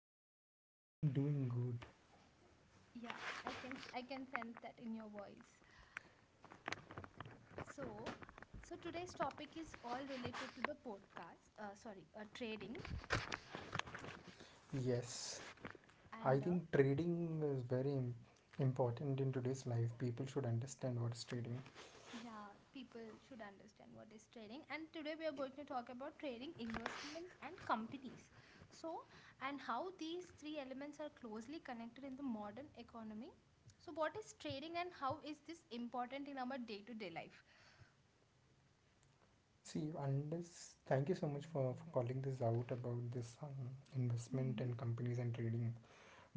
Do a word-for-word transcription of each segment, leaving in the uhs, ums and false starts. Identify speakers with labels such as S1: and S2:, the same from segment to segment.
S1: you?
S2: I am doing good.
S1: Yeah, I can I can sense that in your voice. So, so today's topic is all related to the podcast. Uh, sorry, uh, trading
S2: Yes, I
S1: and uh,
S2: think trading is very im- important in today's life. People should understand what is trading.
S1: yeah, people should understand what is trading. And today we are going to talk about trading, investment, and companies. So, and how these three elements are closely connected in the modern economy. So, what is trading and how is this important in our day to day life?
S2: See, unless thank you so much for, for calling this out about this um, investment
S1: Mm-hmm.
S2: and companies and trading,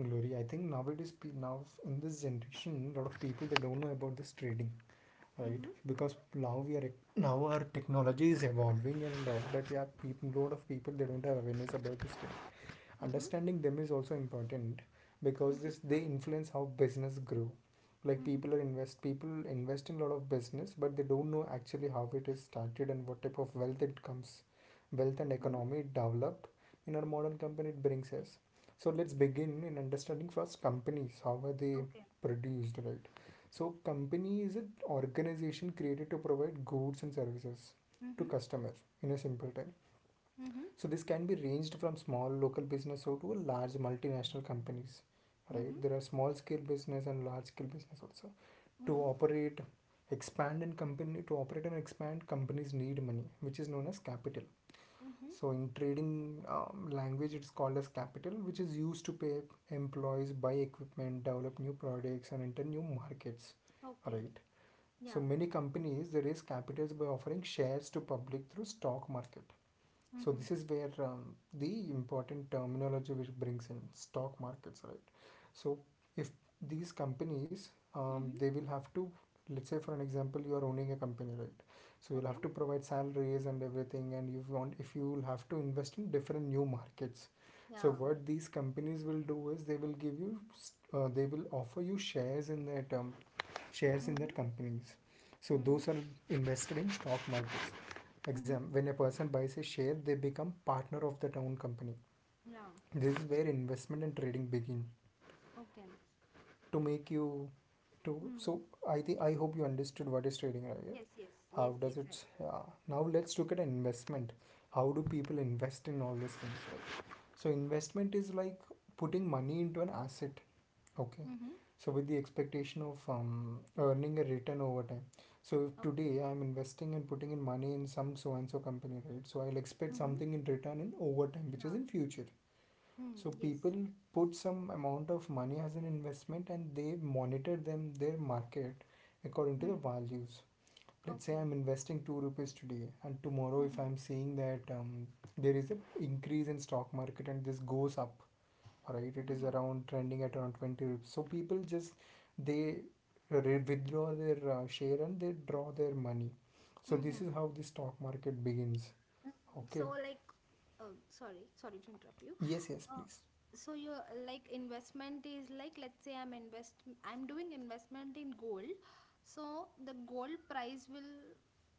S2: Glory. I think nowadays, pe- now in this generation, a lot of people they don't know about this trading, right?
S1: Mm-hmm.
S2: Because now we are now our technology is evolving and uh, but yeah people lot of people they don't have awareness about this thing.
S1: Mm-hmm.
S2: Understanding them is also important because
S1: Mm-hmm.
S2: this they influence how business grow, like
S1: Mm-hmm.
S2: people are invest people invest in a lot of business, but they don't know actually how it is started and what type of wealth it comes, wealth and
S1: Mm-hmm.
S2: economy develop in our modern company it brings us. So let's begin in understanding first companies how are they
S1: Okay.
S2: produced, right? So company is an organization created to provide goods and services to
S1: Mm-hmm.
S2: customers in a simple time.
S1: Mm-hmm.
S2: So this can be ranged from small local business or to large multinational companies,
S1: Mm-hmm.
S2: right? There are small scale business and large scale business also. To
S1: Mm-hmm.
S2: operate, expand and Company to operate and expand companies need money, which is known as capital.
S1: Mm-hmm.
S2: So in trading um, language, it's called as capital, which is used to pay employees, buy equipment, develop new products, and enter new markets,
S1: Okay.
S2: right? So
S1: Yeah.
S2: many companies they raise capitals by offering shares to public through stock market. So
S1: Mm-hmm.
S2: this is where um, the important terminology which brings in stock markets, right? So if these companies, um,
S1: Mm-hmm.
S2: they will have to, let's say for an example, you are owning a company, right? So you'll
S1: Okay.
S2: have to provide salaries and everything, and you want if you will have to invest in different new markets. So
S1: Yeah.
S2: what these companies will do is they will give you, uh, they will offer you shares in that um, shares in that
S1: Mm-hmm.
S2: companies. So
S1: Mm-hmm.
S2: those are invested in stock markets.
S1: Mm-hmm.
S2: Exam. When a person buys a share, they become partner of that own company.
S1: Yeah.
S2: This is where investment and trading begin
S1: Okay.
S2: to make you to.
S1: Mm.
S2: So I think I hope you understood what is trading, right?
S1: Yes, yes,
S2: How
S1: yes,
S2: does
S1: yes. I.
S2: it? Uh, now let's look at investment. How do people invest in all these things? Right? So investment is like putting money into an asset. Okay.
S1: Mm-hmm.
S2: So with the expectation of um, earning a return over time. So if
S1: Okay.
S2: today I'm investing and putting in money in some so and so company, right? So I'll expect
S1: Mm-hmm.
S2: something in return in overtime, which is
S1: Yeah.
S2: in future.
S1: Mm.
S2: So
S1: Yes.
S2: people put some amount of money as an investment and they monitor them their market according to the
S1: Mm.
S2: values. Let's say
S1: Okay.
S2: I'm investing two rupees today, and tomorrow if
S1: Mm-hmm.
S2: I'm seeing that um, there is a increase in stock market and this goes up, right, it is
S1: Mm-hmm.
S2: around trending at around twenty rupees, so people just they re- withdraw their uh, share and they draw their money. So this
S1: Mm-hmm.
S2: is how the stock market begins, okay?
S1: So, like, uh, sorry, sorry to interrupt you.
S2: Yes, yes,
S1: Uh,
S2: please.
S1: so your like investment is like, let's say i'm invest i'm doing investment in gold. So the gold price will,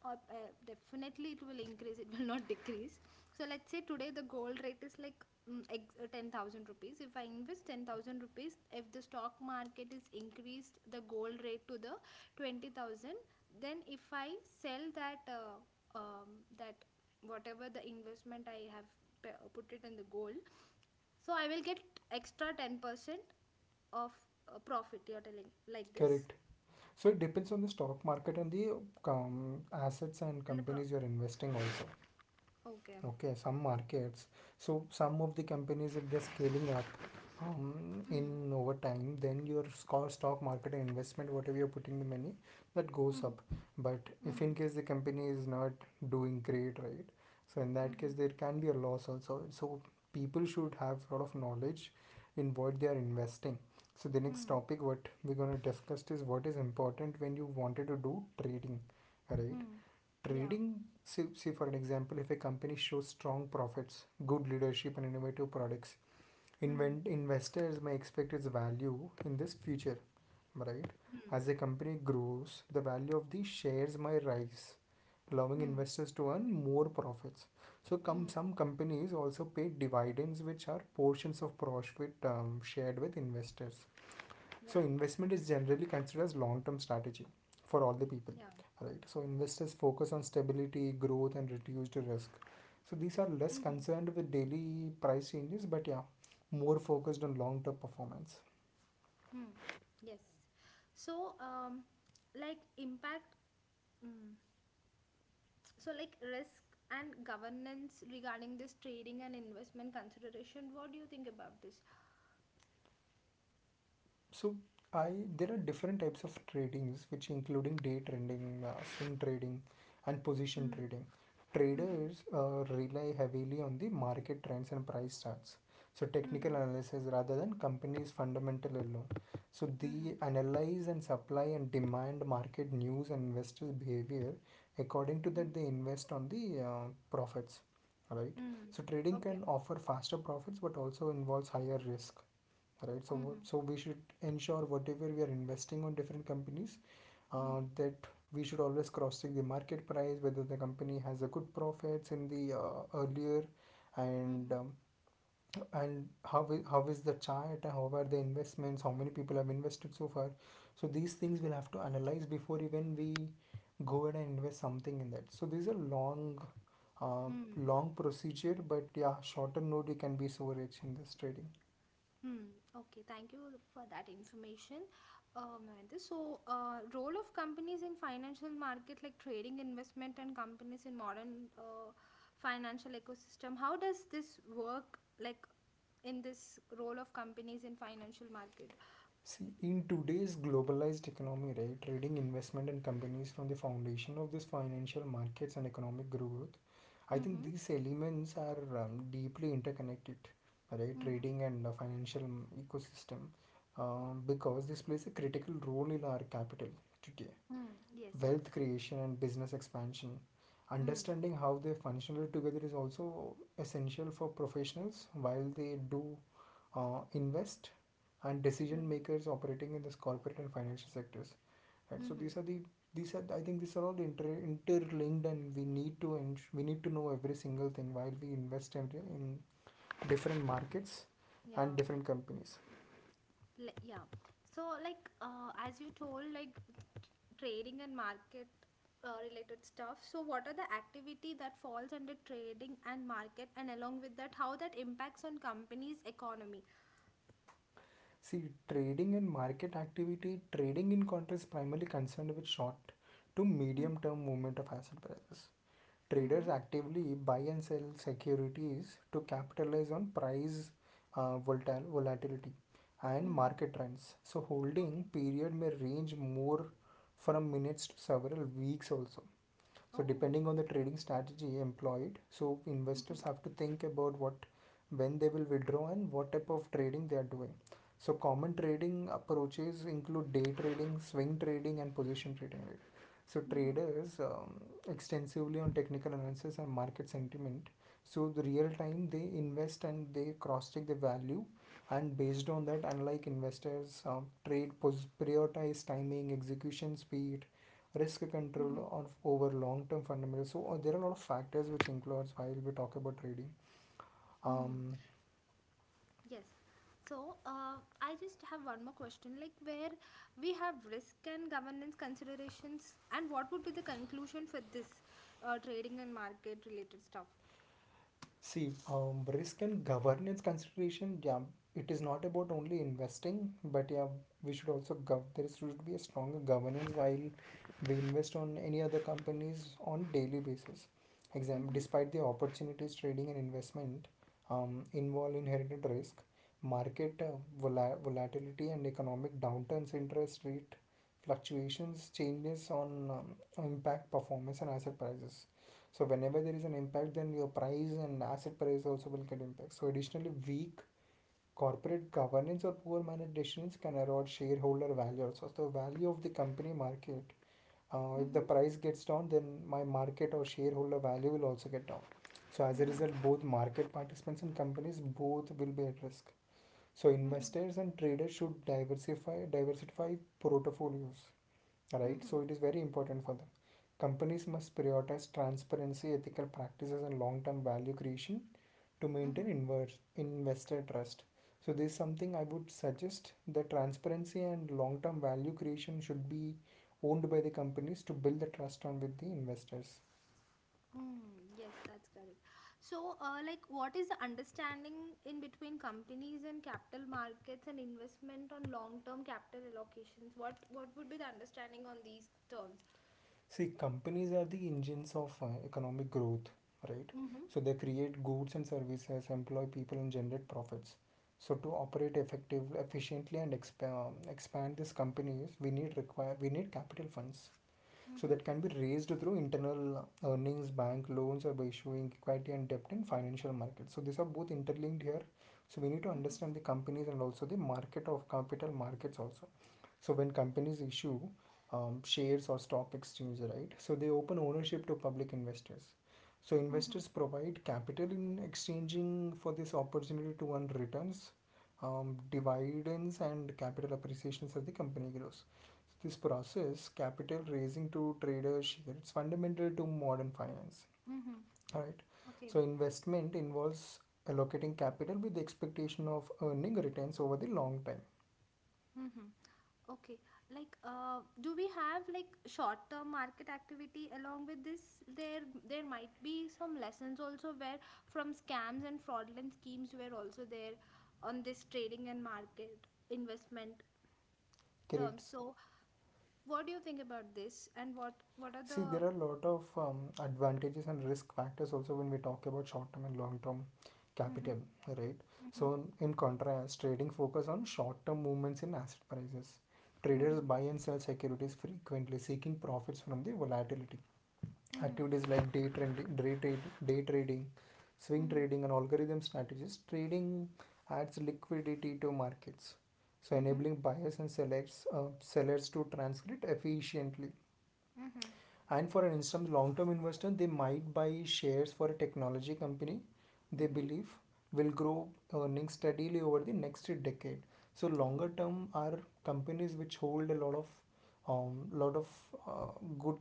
S1: uh, uh, definitely it will increase, it will not decrease. So let's say today the gold rate is like, mm, ex- uh, ten thousand rupees. If I invest ten thousand rupees, if the stock market is increased the gold rate to the twenty thousand, then if I sell that uh, um, that whatever the investment I have p- uh, put it in the gold, so I will get extra ten percent of uh, profit, you're telling like this.
S2: Correct. So it depends on the stock market and the um, assets and
S1: And the pro,
S2: companies you're investing
S1: okay,
S2: also.
S1: okay.
S2: Okay, some markets. So some of the companies if they're scaling up um,
S1: Mm,
S2: in over time, then your sco- stock market investment whatever you're putting the money, that goes
S1: mm,
S2: up. But
S1: mm,
S2: if in case the company is not doing great, right? So in that case
S1: mm,
S2: there can be a loss also. So people should have a lot of knowledge in what they are investing. So the next
S1: mm,
S2: topic what we're going to discuss is what is important when you wanted to do trading, right?
S1: mm, yeah,
S2: Trading. See, see for an example if a company shows strong profits, good leadership and innovative products,
S1: mm,
S2: invent, investors may expect its value in this future, right?
S1: mm,
S2: As a company grows the value of the shares may rise, allowing
S1: mm,
S2: investors to earn more profits. So come
S1: mm,
S2: some companies also pay dividends which are portions of profit um, shared with investors. So
S1: yeah,
S2: investment is generally considered as long-term strategy for all the
S1: yeah,
S2: people, right? So investors focus on stability growth and reduced risk. So these are less
S1: mm,
S2: concerned with daily price changes but yeah, more focused on long-term performance.
S1: mm, yes. So um like impact, mm. So like risk and governance regarding this trading and investment consideration, what do you think about this?
S2: So I there are different types of tradings which including day trading, uh, swing trading, and position
S1: Mm,
S2: trading.
S1: mm,
S2: Traders uh, rely heavily on the market trends and price charts. So technical
S1: mm,
S2: analysis rather than companies fundamental alone. So they
S1: mm.
S2: analyze and supply and demand market news and investors behavior. According to
S1: Hmm.
S2: that, they invest on the uh, profits, right?
S1: Mm.
S2: So trading
S1: Okay.
S2: can offer faster profits but also involves higher risk, right? so
S1: Mm-hmm.
S2: so we should ensure whatever we are investing on different companies,
S1: Mm.
S2: uh, that we should always cross check the market price whether the company has a good profits in the uh, earlier and
S1: Mm-hmm.
S2: um, and how is, how is the chart, how are the investments, how many people have invested so far. So these things we'll have to analyze before even we go ahead and invest something in that. So this is a long, uh,
S1: Mm.
S2: long procedure, but yeah shorter note you can be so rich in this trading.
S1: Mm. Okay. Thank you for that information, uh, Mahendra. So, uh, role of companies in financial market, like trading, investment, and companies in modern uh, financial ecosystem. How does this work? Like in this role of companies in financial market.
S2: See, in today's globalized economy, right, trading investment and companies from the foundation of this financial markets and economic growth, I think
S1: Mm-hmm.
S2: these elements are um, deeply interconnected, right?
S1: Mm-hmm.
S2: Trading and the financial m- ecosystem, um, because this plays a critical role in our capital today,
S1: Mm. Yes. Yes.
S2: wealth creation and business expansion.
S1: Mm.
S2: Understanding how they functionally together is also essential for professionals while they do uh, invest and decision
S1: Mm.
S2: makers operating in this corporate and financial sectors, right? So
S1: Mm-hmm.
S2: these are the, these are, I think these are all inter, interlinked and we need to ens- we need to know every single thing while we invest in, in different markets and
S1: Yeah.
S2: different companies.
S1: Like, yeah. So, like, uh, as you told, like, trading and market uh, related stuff, so what are the activity that falls under trading and market, and along with that how that impacts on companies economy?
S2: See, trading and market activity, trading in contrast is primarily concerned with short to
S1: Mm.
S2: medium term movement of asset prices. Traders
S1: Mm-hmm.
S2: actively buy and sell securities to capitalize on price uh, volatil- volatility and
S1: Mm.
S2: market trends. So, holding
S1: Okay.
S2: period may range more from minutes to several weeks also, so
S1: Oh.
S2: depending on the trading strategy employed. So
S1: Mm-hmm.
S2: investors have to think about what when they will withdraw and what type of trading they are doing. So common trading approaches include day trading, swing trading and position trading, right? So
S1: Mm-hmm.
S2: traders um, extensively on technical analysis and market sentiment. So the real time they invest and they cross check the value, and based on that unlike investors um, trade pos- prioritize timing execution speed risk
S1: Mm-hmm.
S2: control of over long-term fundamentals. So uh, there are a lot of factors which influence while we talk about trading. Um,
S1: Mm-hmm. Yes. So uh, I just have one more question, like where we have risk and governance considerations, and what would be the conclusion for this uh, trading and market related stuff?
S2: See, um, risk and governance consideration, yeah, it is not about only investing, but yeah, we should also gov there should be a stronger governance while we invest on any other companies on daily basis. Exam,
S1: Mm-hmm.
S2: despite the opportunities trading and investment um, involve inherited risk, market uh, vola volatility and economic downturns, interest rate fluctuations, changes on um, impact performance and asset prices. So whenever there is an impact, then your price and asset price also will get impact. So additionally, weak corporate governance or poor managed decisions can erode shareholder value also. So the value of the company market. Uh, if the
S1: Mm-hmm.
S2: price gets down, then my market or shareholder value will also get down. So as a
S1: Mm-hmm.
S2: result, both market participants and companies both will be at risk. So investors and traders should diversify diversify portfolios, right?
S1: Mm-hmm.
S2: So it is very important for them. Companies must prioritize transparency, ethical practices, and long term value creation to maintain
S1: Mm-hmm.
S2: inverse investor trust. So this is something I would suggest that transparency and long term value creation should be owned by the companies to build the trust on with the investors.
S1: Hmm, yes, that's correct. So, uh, like, what is the understanding in between companies and capital markets and investment on long-term capital allocations? What what would be the understanding on these terms?
S2: See, companies are the engines of uh, economic growth, right?
S1: Mm-hmm.
S2: So they create goods and services, employ people, and generate profits. So to operate effectively, efficiently, and expa- expand these companies, we need require we need capital funds. So
S1: Mm-hmm.
S2: that can be raised through internal earnings, bank loans, or by issuing equity and debt in financial markets. So these are both interlinked here. So we need to
S1: Mm-hmm.
S2: understand the companies and also the market of capital markets also. So when companies issue um, shares or stock exchange, right? So they open ownership to public investors. So
S1: Mm-hmm.
S2: investors provide capital in exchanging for this opportunity to earn returns, um, dividends, and capital appreciations as the company grows. So, this process, capital raising to trader share, it's fundamental to modern finance.
S1: Mm-hmm.
S2: All right.
S1: Okay.
S2: So investment involves allocating capital with the expectation of earning returns over the long time.
S1: Mm-hmm. Okay, like, uh, do we have like short-term market activity along with this? There, there might be some lessons also where from scams and fraudulent schemes were also there on this trading and market investment
S2: Correct.
S1: terms. So, what do you think about this? And what what are
S2: See,
S1: the?
S2: there are a lot of um, advantages and risk factors also when we talk about short-term and long-term capital,
S1: Mm-hmm,
S2: right?
S1: mm-hmm,
S2: So, in contrast, trading focus on short-term movements in asset prices. Traders
S1: mm-hmm,
S2: buy and sell securities frequently, seeking profits from the volatility. Activities like day trading, day, trade, day trading, swing
S1: mm-hmm,
S2: trading, and algorithm strategies. Trading adds liquidity to markets, so
S1: mm-hmm, mm-hmm,
S2: enabling buyers and sellers uh, sellers to transact efficiently, and for an instance, long term investor, they might buy shares for a technology company they
S1: mm-hmm,
S2: believe will grow earnings steadily over the next decade. So
S1: mm-hmm, mm-hmm, mm-hmm,
S2: longer term are companies which hold a lot of um, lot of uh, good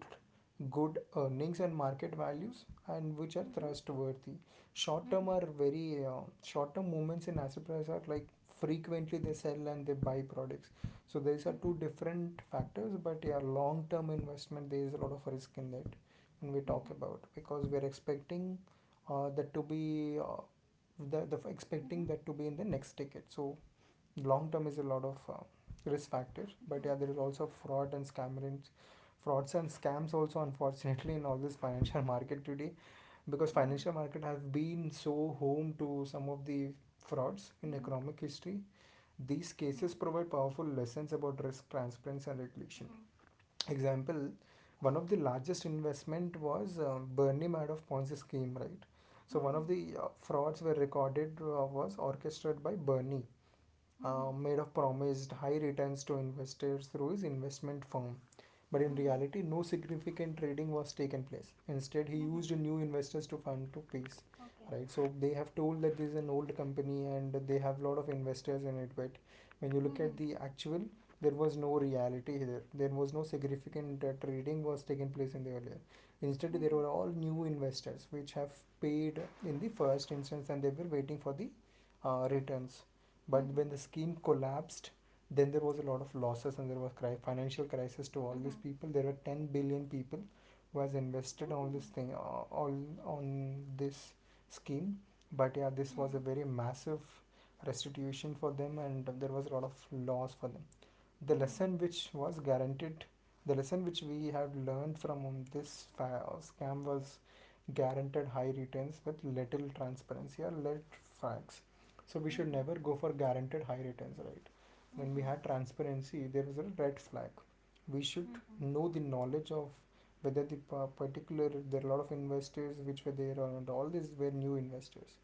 S2: good earnings and market values and which are trustworthy. Short term
S1: mm-hmm,
S2: are very uh, short term movements in asset price are like frequently they sell and they buy products. So these are two different factors, but yeah, long-term investment, there is a lot of risk in that when we talk
S1: mm-hmm,
S2: about, because we are expecting uh, that to be uh, the, the
S1: mm-hmm,
S2: expecting that to be in the next ticket. So long term is a lot of uh, risk factor, but
S1: mm-hmm,
S2: yeah, there is also fraud and scammers, frauds and scams also, unfortunately, in all this financial market today, because
S1: mm-hmm,
S2: financial market have been so home to some of the frauds in
S1: mm-hmm,
S2: economic history. These cases provide powerful lessons about risk, transparency, and regulation.
S1: mm-hmm,
S2: Example: one of the largest investment was uh, Bernie Madoff Ponzi scheme, right? So one of
S1: mm-hmm.
S2: the uh, frauds were recorded uh, was orchestrated by Bernie, uh,
S1: Mhm.
S2: made of, promised high returns to investors through his investment firm. But in
S1: Mhm.
S2: reality, no significant trading was taken place. Instead, he
S1: Mhm.
S2: used new investors to fund to peace.
S1: Okay.
S2: Right, so they have told that this is an old company and they have a lot of investors in it. But when you look at
S1: Mhm.
S2: the actual, there was no reality here. There was no significant uh, trading was taken place in the earlier. Instead, there
S1: Mhm.
S2: were all new investors which have paid in the first instance and they were waiting for the uh, returns, but when
S1: Mhm.
S2: the scheme collapsed, then there was a lot of losses and there was cri- financial crisis to all these
S1: Mhm.
S2: people. There were ten billion people was invested on this
S1: Mm.
S2: thing, uh, all on this scheme. But yeah, this was a
S1: Mm.
S2: very massive restitution for them, and there was a lot of loss for them. the
S1: Mm.
S2: lesson which was guaranteed the lesson which we had learned from this scam was guaranteed high returns with little transparency or little facts. So we should
S1: Mhm.
S2: never go for guaranteed high returns, right? When we
S1: Mhm.
S2: had transparency, there was a red flag. We should
S1: Mhm.
S2: know the knowledge of whether the particular, there are a lot of investors which were there and all these were new investors.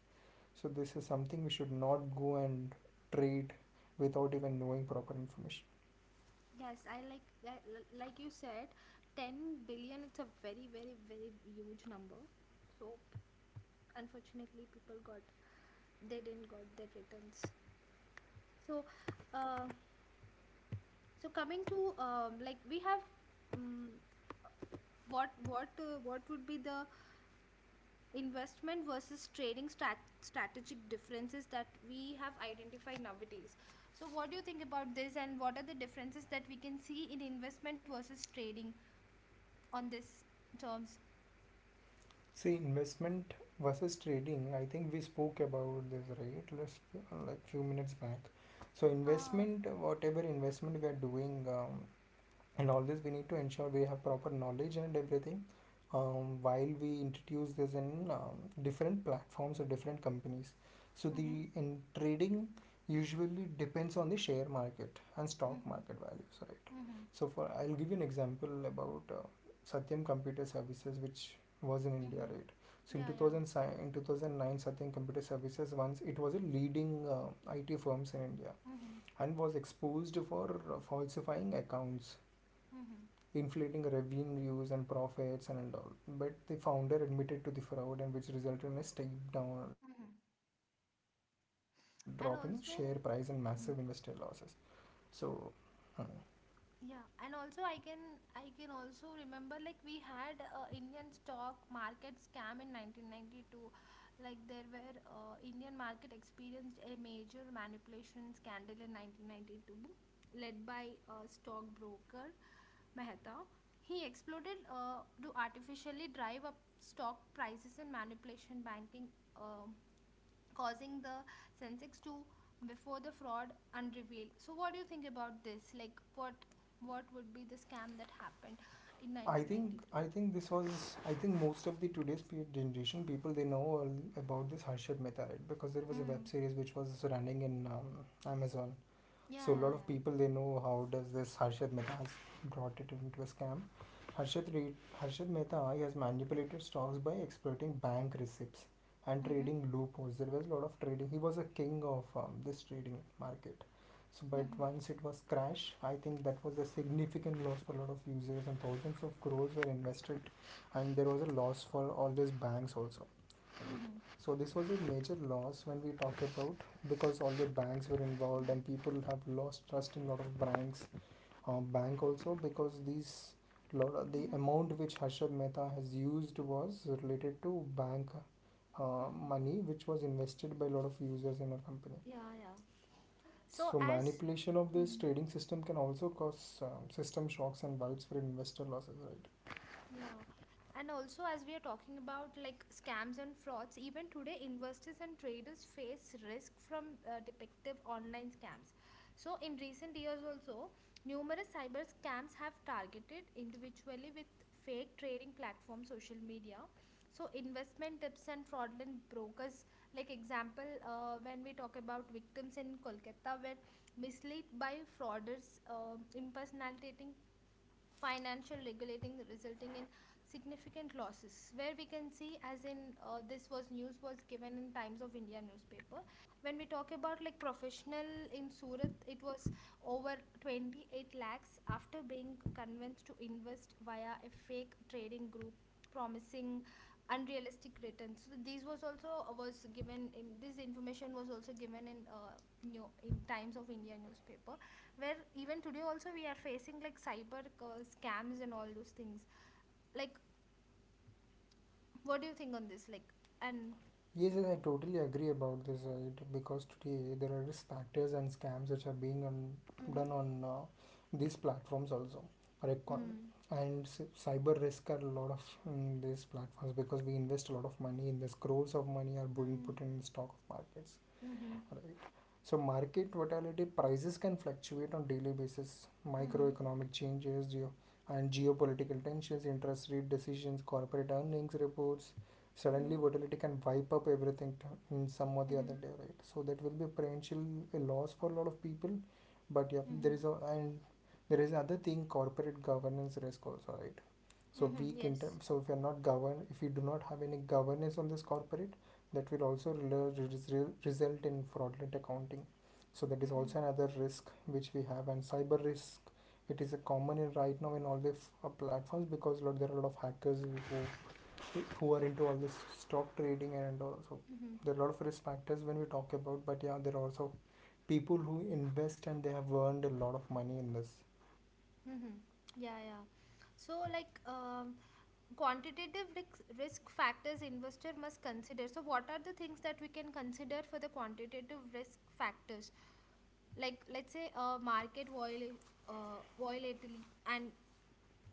S2: So this is something we should not go and trade without even knowing proper information.
S1: Yes, I like that. l- Like you said, ten billion, it's a very, very, very huge number. So, unfortunately, people got, they didn't got their returns. So, uh, so coming to um, like we have, um, what what uh, what would be the investment versus trading strat- strategic differences that we have identified nowadays? So what do you think about this, and what are the differences that we can see in investment versus trading on this terms?
S2: See, investment versus trading. I think we spoke about this, right? Last, like few minutes back. So
S1: Uh,
S2: investment, whatever investment we are doing, um, and all this we need to ensure we have proper knowledge and everything, um, while we introduce this in um, different platforms or different companies. So
S1: mm-hmm,
S2: the in trading usually depends on the share market and stock
S1: mm-hmm,
S2: market values, right?
S1: mm-hmm,
S2: So for, I'll give you an example about uh, Satyam Computer Services which was in India,
S1: mm-hmm.
S2: right? So in
S1: Yeah, yeah,
S2: two thousand, si- in two thousand nine, Satyam Computer Services, once it was a leading uh, IT firms in India
S1: mm-hmm,
S2: and was exposed for uh, falsifying accounts,
S1: mm-hmm,
S2: inflating revenues and profits and all. But the founder admitted to the fraud, and which resulted in a steep down drop
S1: mm-hmm.
S2: in share price and massive investor
S1: And
S2: losses.
S1: also,
S2: So. hmm,
S1: yeah, and also I can I can also remember like we had uh, Indian stock market scam in nineteen ninety-two. Like, there were uh, Indian market experienced a major manipulation scandal in nineteen ninety-two, led by uh, stockbroker Mehta. He exploited uh, to artificially drive up stock prices and manipulation banking, um causing the sensex to before the fraud unrevealed. So what do you think about this? Like, what what would be the scam that happened in
S2: I think,
S1: nineteen ninety-two?
S2: I think this was I think most of the today's pe- generation people, they know all about this Harshad Mehta, right? Because there was a web
S1: Mm.
S2: series which was running in um, Amazon.
S1: Yeah,
S2: So a
S1: yeah,
S2: lot of
S1: yeah.
S2: people, they know how does this Harshad Mehta has brought it into a scam. Harshad Re- Harshad Mehta, he has manipulated stocks by exploiting bank receipts and
S1: Mm-hmm.
S2: trading loopholes. There was a lot of trading. He was a king of um, this trading market. So, but
S1: Mm-hmm.
S2: once it was crash, I think that was a significant loss for a lot of users and thousands of crores were invested, and there was a loss for all these banks also.
S1: Mm-hmm.
S2: So this was a major loss when we talk about, because all the banks were involved and people have lost trust in a lot of banks. Um, bank also because these lo- the
S1: Mm-hmm.
S2: amount which Harshad Mehta has used was related to bank uh, money which was invested by a lot of users in our company.
S1: Yeah, yeah. So
S2: So
S1: as,
S2: manipulation of this
S1: mhm,
S2: trading system can also cause um, system shocks and widespread investor losses, right?
S1: yeah. And also, as we are talking about like scams and frauds, even today, investors and traders face risk from uh, depictive online scams. So, in recent years, also, numerous cyber scams have targeted individually with fake trading platforms, social media. So, investment tips and fraudulent brokers, like example, uh, when we talk about victims in Kolkata, were misled by frauders um impersonating financial regulating, resulting in significant losses, where we can see as in uh, this was news was given in Times of India newspaper. When we talk about like professional in Surat, it was over twenty-eight lakhs after being convinced to invest via a fake trading group promising unrealistic returns. So these was also, uh, was given in this information, was also given in uh, new in Times of India newspaper, where even today also we are facing like cyber uh, scams and all those things. Like, what do you think on this, like, and
S2: Yes, yes, I totally agree about this, right? Because today there are risk factors and scams which are being on,
S1: mm-hmm,
S2: done on uh, these platforms also. Correct. co-
S1: mm,
S2: And c- cyber risk are a lot of in these platforms because we invest a lot of money in this. Crores of money are being
S1: mm,
S2: put in stock markets.
S1: mm-hmm,
S2: Right. So market volatility prices can fluctuate on daily basis.
S1: mm-hmm,
S2: Microeconomic changes geo- and geopolitical tensions, interest rate decisions, corporate earnings reports. Suddenly
S1: mm-hmm,
S2: volatility can wipe up everything t- in some or the other
S1: mm-hmm,
S2: day, right? So that will be a potential a loss for a lot of people. But yeah, there
S1: mm-hmm,
S2: is a and there is another thing, corporate governance risk also, right? So
S1: mm-hmm,
S2: weak inter
S1: yes,
S2: so if you're not govern if you do not have any governance on this corporate, that will also rela- res- result in fraudulent accounting. So that is
S1: mm-hmm,
S2: also another risk which we have. And cyber risk, it is a common in right now in all the f- uh, platforms because lot, there are a lot of hackers who, who are into all this stock trading. And also
S1: mm-hmm,
S2: there are a lot of risk factors when we talk about, but yeah, there are also people who invest and they have earned a lot of money in this.
S1: mm-hmm. Yeah, yeah. So like, um, quantitative risk, risk factors investor must consider, so what are the things that we can consider for the quantitative risk factors? Like, let's say uh, market vol- uh, volatility and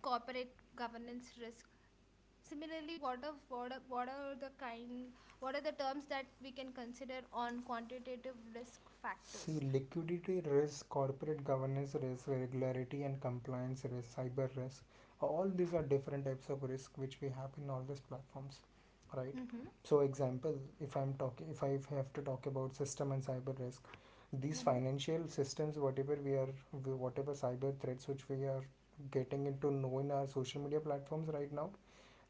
S1: corporate governance risk. Similarly, what are, what are what are the kind, what are the terms that we can consider on quantitative risk
S2: See,
S1: factors?
S2: liquidity risk, corporate governance risk, regularity and compliance risk, cyber risk. All these are different types of risk which we have in all these platforms, right?
S1: Mm-hmm,
S2: So, example, if I'm talking, if I if I have to talk about system and cyber risk, these
S1: mm-hmm,
S2: financial systems, whatever we are, whatever cyber threats which we are getting into know in our social media platforms right now,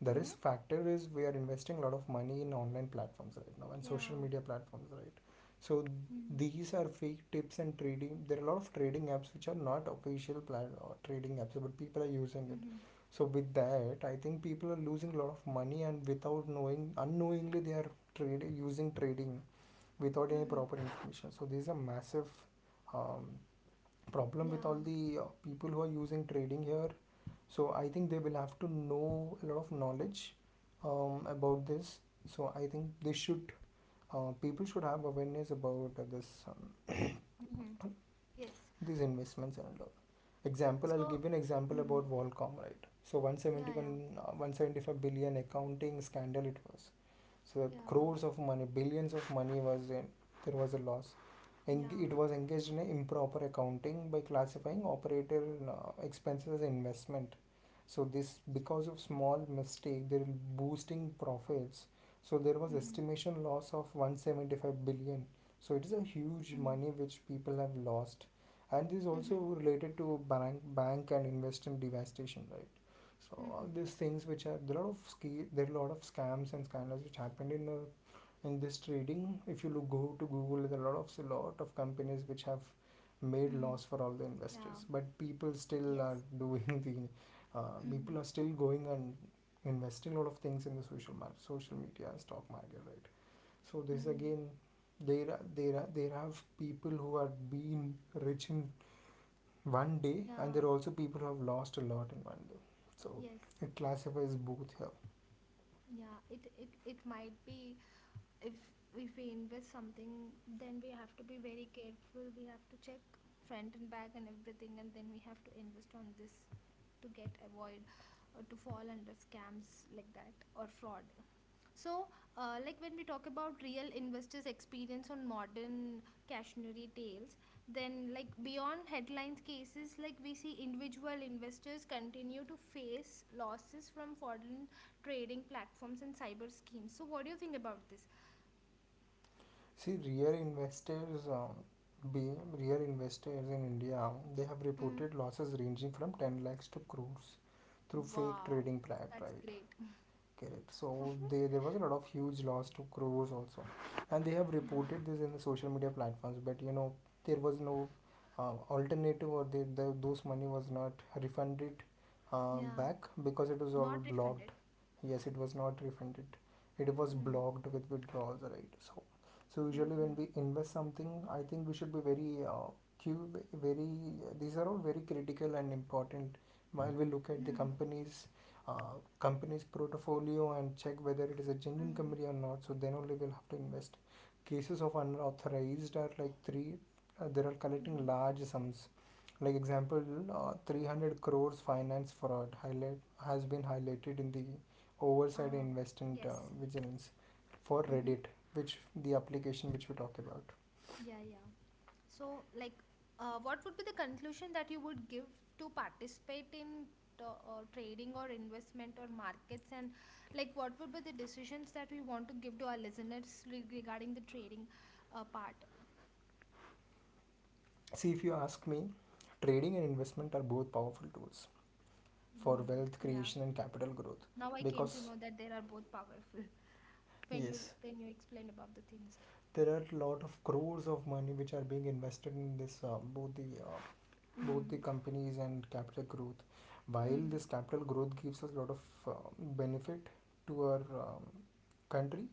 S2: the
S1: mm-hmm,
S2: risk factor is we are investing a lot of money in online platforms right now and social
S1: yeah,
S2: media platforms, right? So
S1: mm-hmm,
S2: these are fake tips and trading. There are a lot of trading apps which are not official plat- or trading apps, but people are using it.
S1: mm-hmm,
S2: So with that, I think people are losing a lot of money and without knowing, unknowingly they are trading using trading without any
S1: mm-hmm.
S2: proper information. So there's a massive um, problem with
S1: Yeah,
S2: all the uh, people who are using trading here. So I think they will have to know a lot of knowledge um, about this. So I think they should, uh, people should have awareness about uh, this um,
S1: mm-hmm. Yes.
S2: these investments and all. Example, I'll
S1: So,
S2: give you an example
S1: mm-hmm.
S2: about Volcom, right? So
S1: Yeah,
S2: 171,
S1: yeah,
S2: uh, one hundred seventy-five billion accounting scandal it was. So
S1: yeah,
S2: crores of money, billions of money was in, there was a loss. Eng-
S1: yeah.
S2: It was engaged in improper accounting by classifying operator uh, expenses as investment. So this, because of small mistake, they're boosting profits. So there was
S1: Mm-hmm.
S2: estimation loss of one hundred seventy-five billion. So it is a huge
S1: Mm-hmm.
S2: money which people have lost, and this is also
S1: Mm-hmm.
S2: related to bank bank and investment devastation, right? So
S1: Mm-hmm.
S2: all these things which are there are a lot of ski there are a lot of scams and scandals which happened in uh, in this trading. If you look go to Google, there are a lot of lot of companies which have made
S1: Mm-hmm.
S2: loss for all the
S1: Yeah.
S2: investors, but people still
S1: Yes.
S2: are doing the uh,
S1: Mm,
S2: people are still going and investing a lot of things in the social mar social media, and stock market, right? So this
S1: mm.
S2: again, there are- there are- there have people who are being rich in one day and
S1: Yeah,
S2: there are also people who have lost a lot in one day, so
S1: yes,
S2: it classifies both here.
S1: yeah. It it it might be, if if we invest something, then we have to be very careful. We have to check front and back and everything, and then we have to invest on this to get avoid or to fall under scams like that or fraud. So, uh, like when we talk about real investors' experience on modern cautionary tales, then like beyond headlines cases, like we see individual investors continue to face losses from foreign trading platforms and cyber schemes. So, what do you think about this?
S2: See, real investors, um, being real investors in India, they have
S1: Mm.
S2: reported losses ranging from ten lakhs to crores through fake
S1: Wow,
S2: trading pra-
S1: that's
S2: right.
S1: great.
S2: Correct. So they, there was a lot of huge loss to crores also, and they have
S1: Yeah,
S2: reported this in the social media platforms. But you know, there was no uh, alternative, or they, the those money was not refunded uh,
S1: yeah,
S2: back because it was all
S1: not refunded.
S2: blocked. Yes, it was not refunded. It was
S1: Mm-hmm.
S2: blocked with withdrawals, right? So, so usually
S1: Mm-hmm.
S2: when we invest something, I think we should be very uh, cube very. These are all very critical and important while we look at the
S1: Mm-hmm.
S2: companies uh, company's portfolio and check whether it is a genuine company or not, so then only we'll have to invest. Cases of unauthorized are like three, uh, they are
S1: Mm-hmm.
S2: collecting large sums, like example, uh, three hundred crores finance fraud highlight has been highlighted in the oversight
S1: Uh,
S2: investment uh,
S1: yes.
S2: vigilance for
S1: Mm-hmm.
S2: reddit, which, the application which we talk about.
S1: Yeah, yeah. So, like, uh, what would be the conclusion that you would give to participate in t- uh, trading or investment or markets? And, like, what would be the decisions that we want to give to our listeners re- regarding the trading uh, part?
S2: See, if you ask me, trading and investment are both powerful tools for wealth creation and capital growth, because yes, there are a lot of crores of money which are being invested in this, uh, both the uh, both the companies and capital growth. While this capital growth gives us a lot of uh, benefit to our um, country,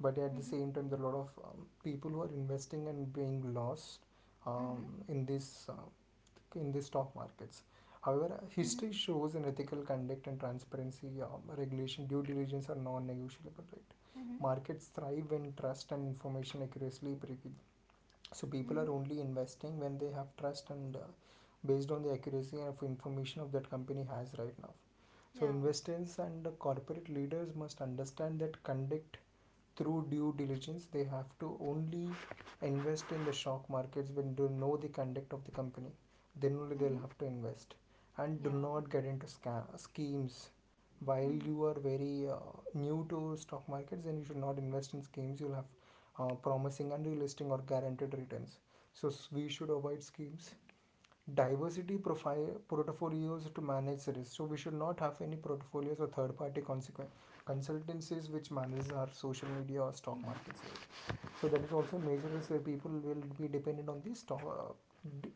S2: but at the same time there are a lot of um, people who are investing and being lost, um, in this uh, in the stock markets. However, history shows an ethical conduct and transparency, um, regulation, due diligence are non-negotiable, right? Markets thrive when trust and information accuracy prevail. So people are only investing when they have trust and uh, based on the accuracy of information of that company has right now. So investors and corporate leaders must understand that conduct, through due diligence they have to only invest in the stock markets when they know the conduct of the company, then only they'll have to invest and do not get into scam schemes. While you are very uh, new to stock markets, then you should not invest in schemes you'll have uh, promising and realistic or guaranteed returns. So we should avoid schemes, diversity profile portfolios to manage risk. So we should not have any portfolios or third party consequence consultancies which manage our social media or stock markets. So that is also major risk, where people will be dependent on these stock uh,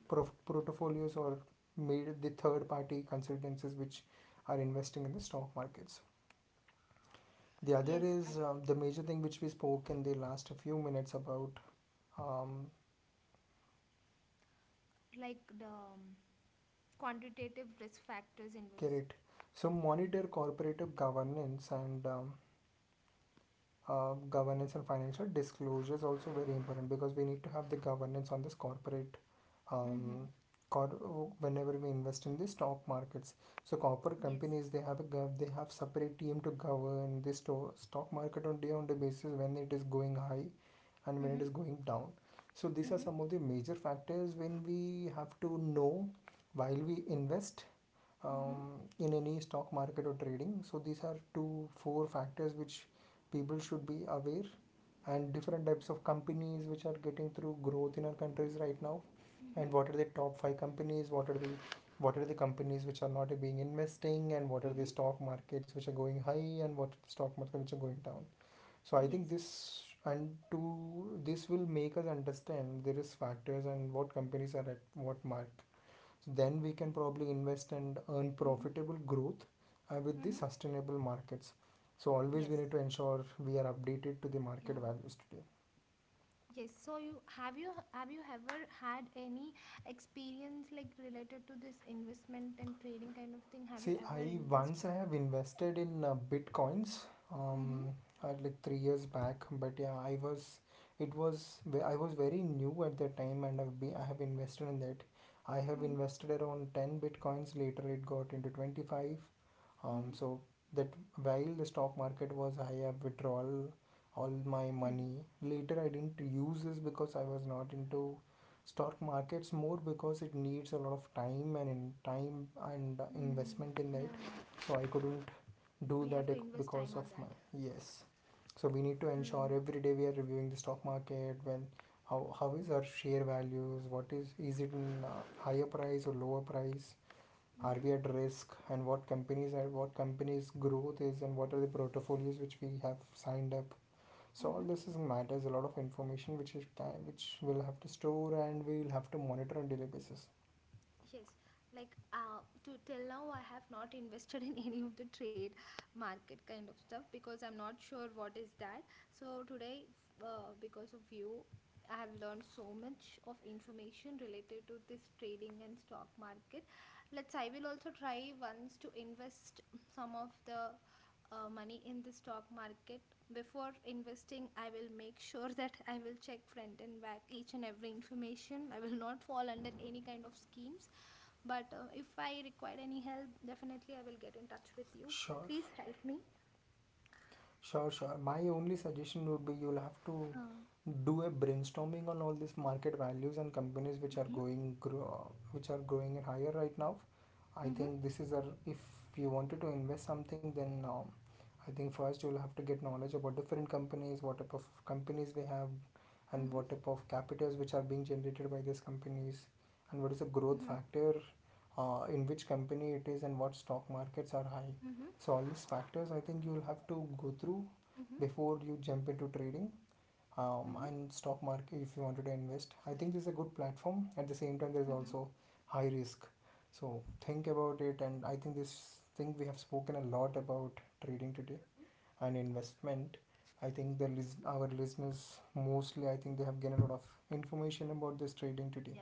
S2: prof- portfolios or made the third party consultancies which are investing in the stock markets. The other is, um, the major thing which we spoke in the last few minutes about, um, Kirit. So monitor corporate governance and um, uh, governance and financial disclosure is also very important, because we need to have the governance on this corporate, um, cor- whenever we invest in the stock markets. So corporate companies, they have a gov- they have separate team to govern the sto- stock market on day on day basis, when it is going high and when it is going down. So these are some of the major factors when we have to know while we invest, um, in any stock market or trading. So these are two four factors which people should be aware, and different types of companies which are getting through growth in our countries right now, and what are the top five companies, what are the, what are the companies which are not being investing, and what are the stock markets which are going high, and what are the stock markets which are going down. So I think this and to this will make us understand there is factors and what companies are at what market. So then we can probably invest and earn profitable growth uh, with the sustainable markets. So always we need to ensure we are updated to the market values today. See, I once I have invested in uh, bitcoins um at like three years back, but yeah, I was, it was ve- I was very new at that time, and I've been I have invested in that. I have invested around ten bitcoins. Later, it got into twenty five, um, so that, while the stock market was high, I withdrawal all my money. Later, I didn't use this because I was not into stock markets more, because it needs a lot of time and in time and uh, investment in that. So I couldn't do that ec- because of my, yes. So we need to ensure every day we are reviewing the stock market, when how how is our share values, what is is it in uh, higher price or lower price, are we at risk, and what companies are, what companies growth is, and what are the portfolios which we have signed up. So all this is matters, a lot of information which is can which we'll have to store, and we will have to monitor on daily basis. Sure. Sure, sure. My only suggestion would be, you'll have to do a brainstorming on all these market values and companies which are going grow, which are growing higher right now. I think this is a, if you wanted to invest something, then, um, I think first you'll have to get knowledge about different companies, what type of companies we have, and what type of capitals which are being generated by these companies, and what is the growth factor, uh, in which company it is, and what stock markets are high. So all these factors, I think you'll have to go through before you jump into trading, um, and stock market. If you wanted to invest, I think this is a good platform, at the same time there's also high risk. So think about it, and I think this thing we have spoken a lot about trading today and investment. I think the list our listeners, mostly I think they have gained a lot of information about this trading today.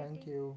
S2: Thank you.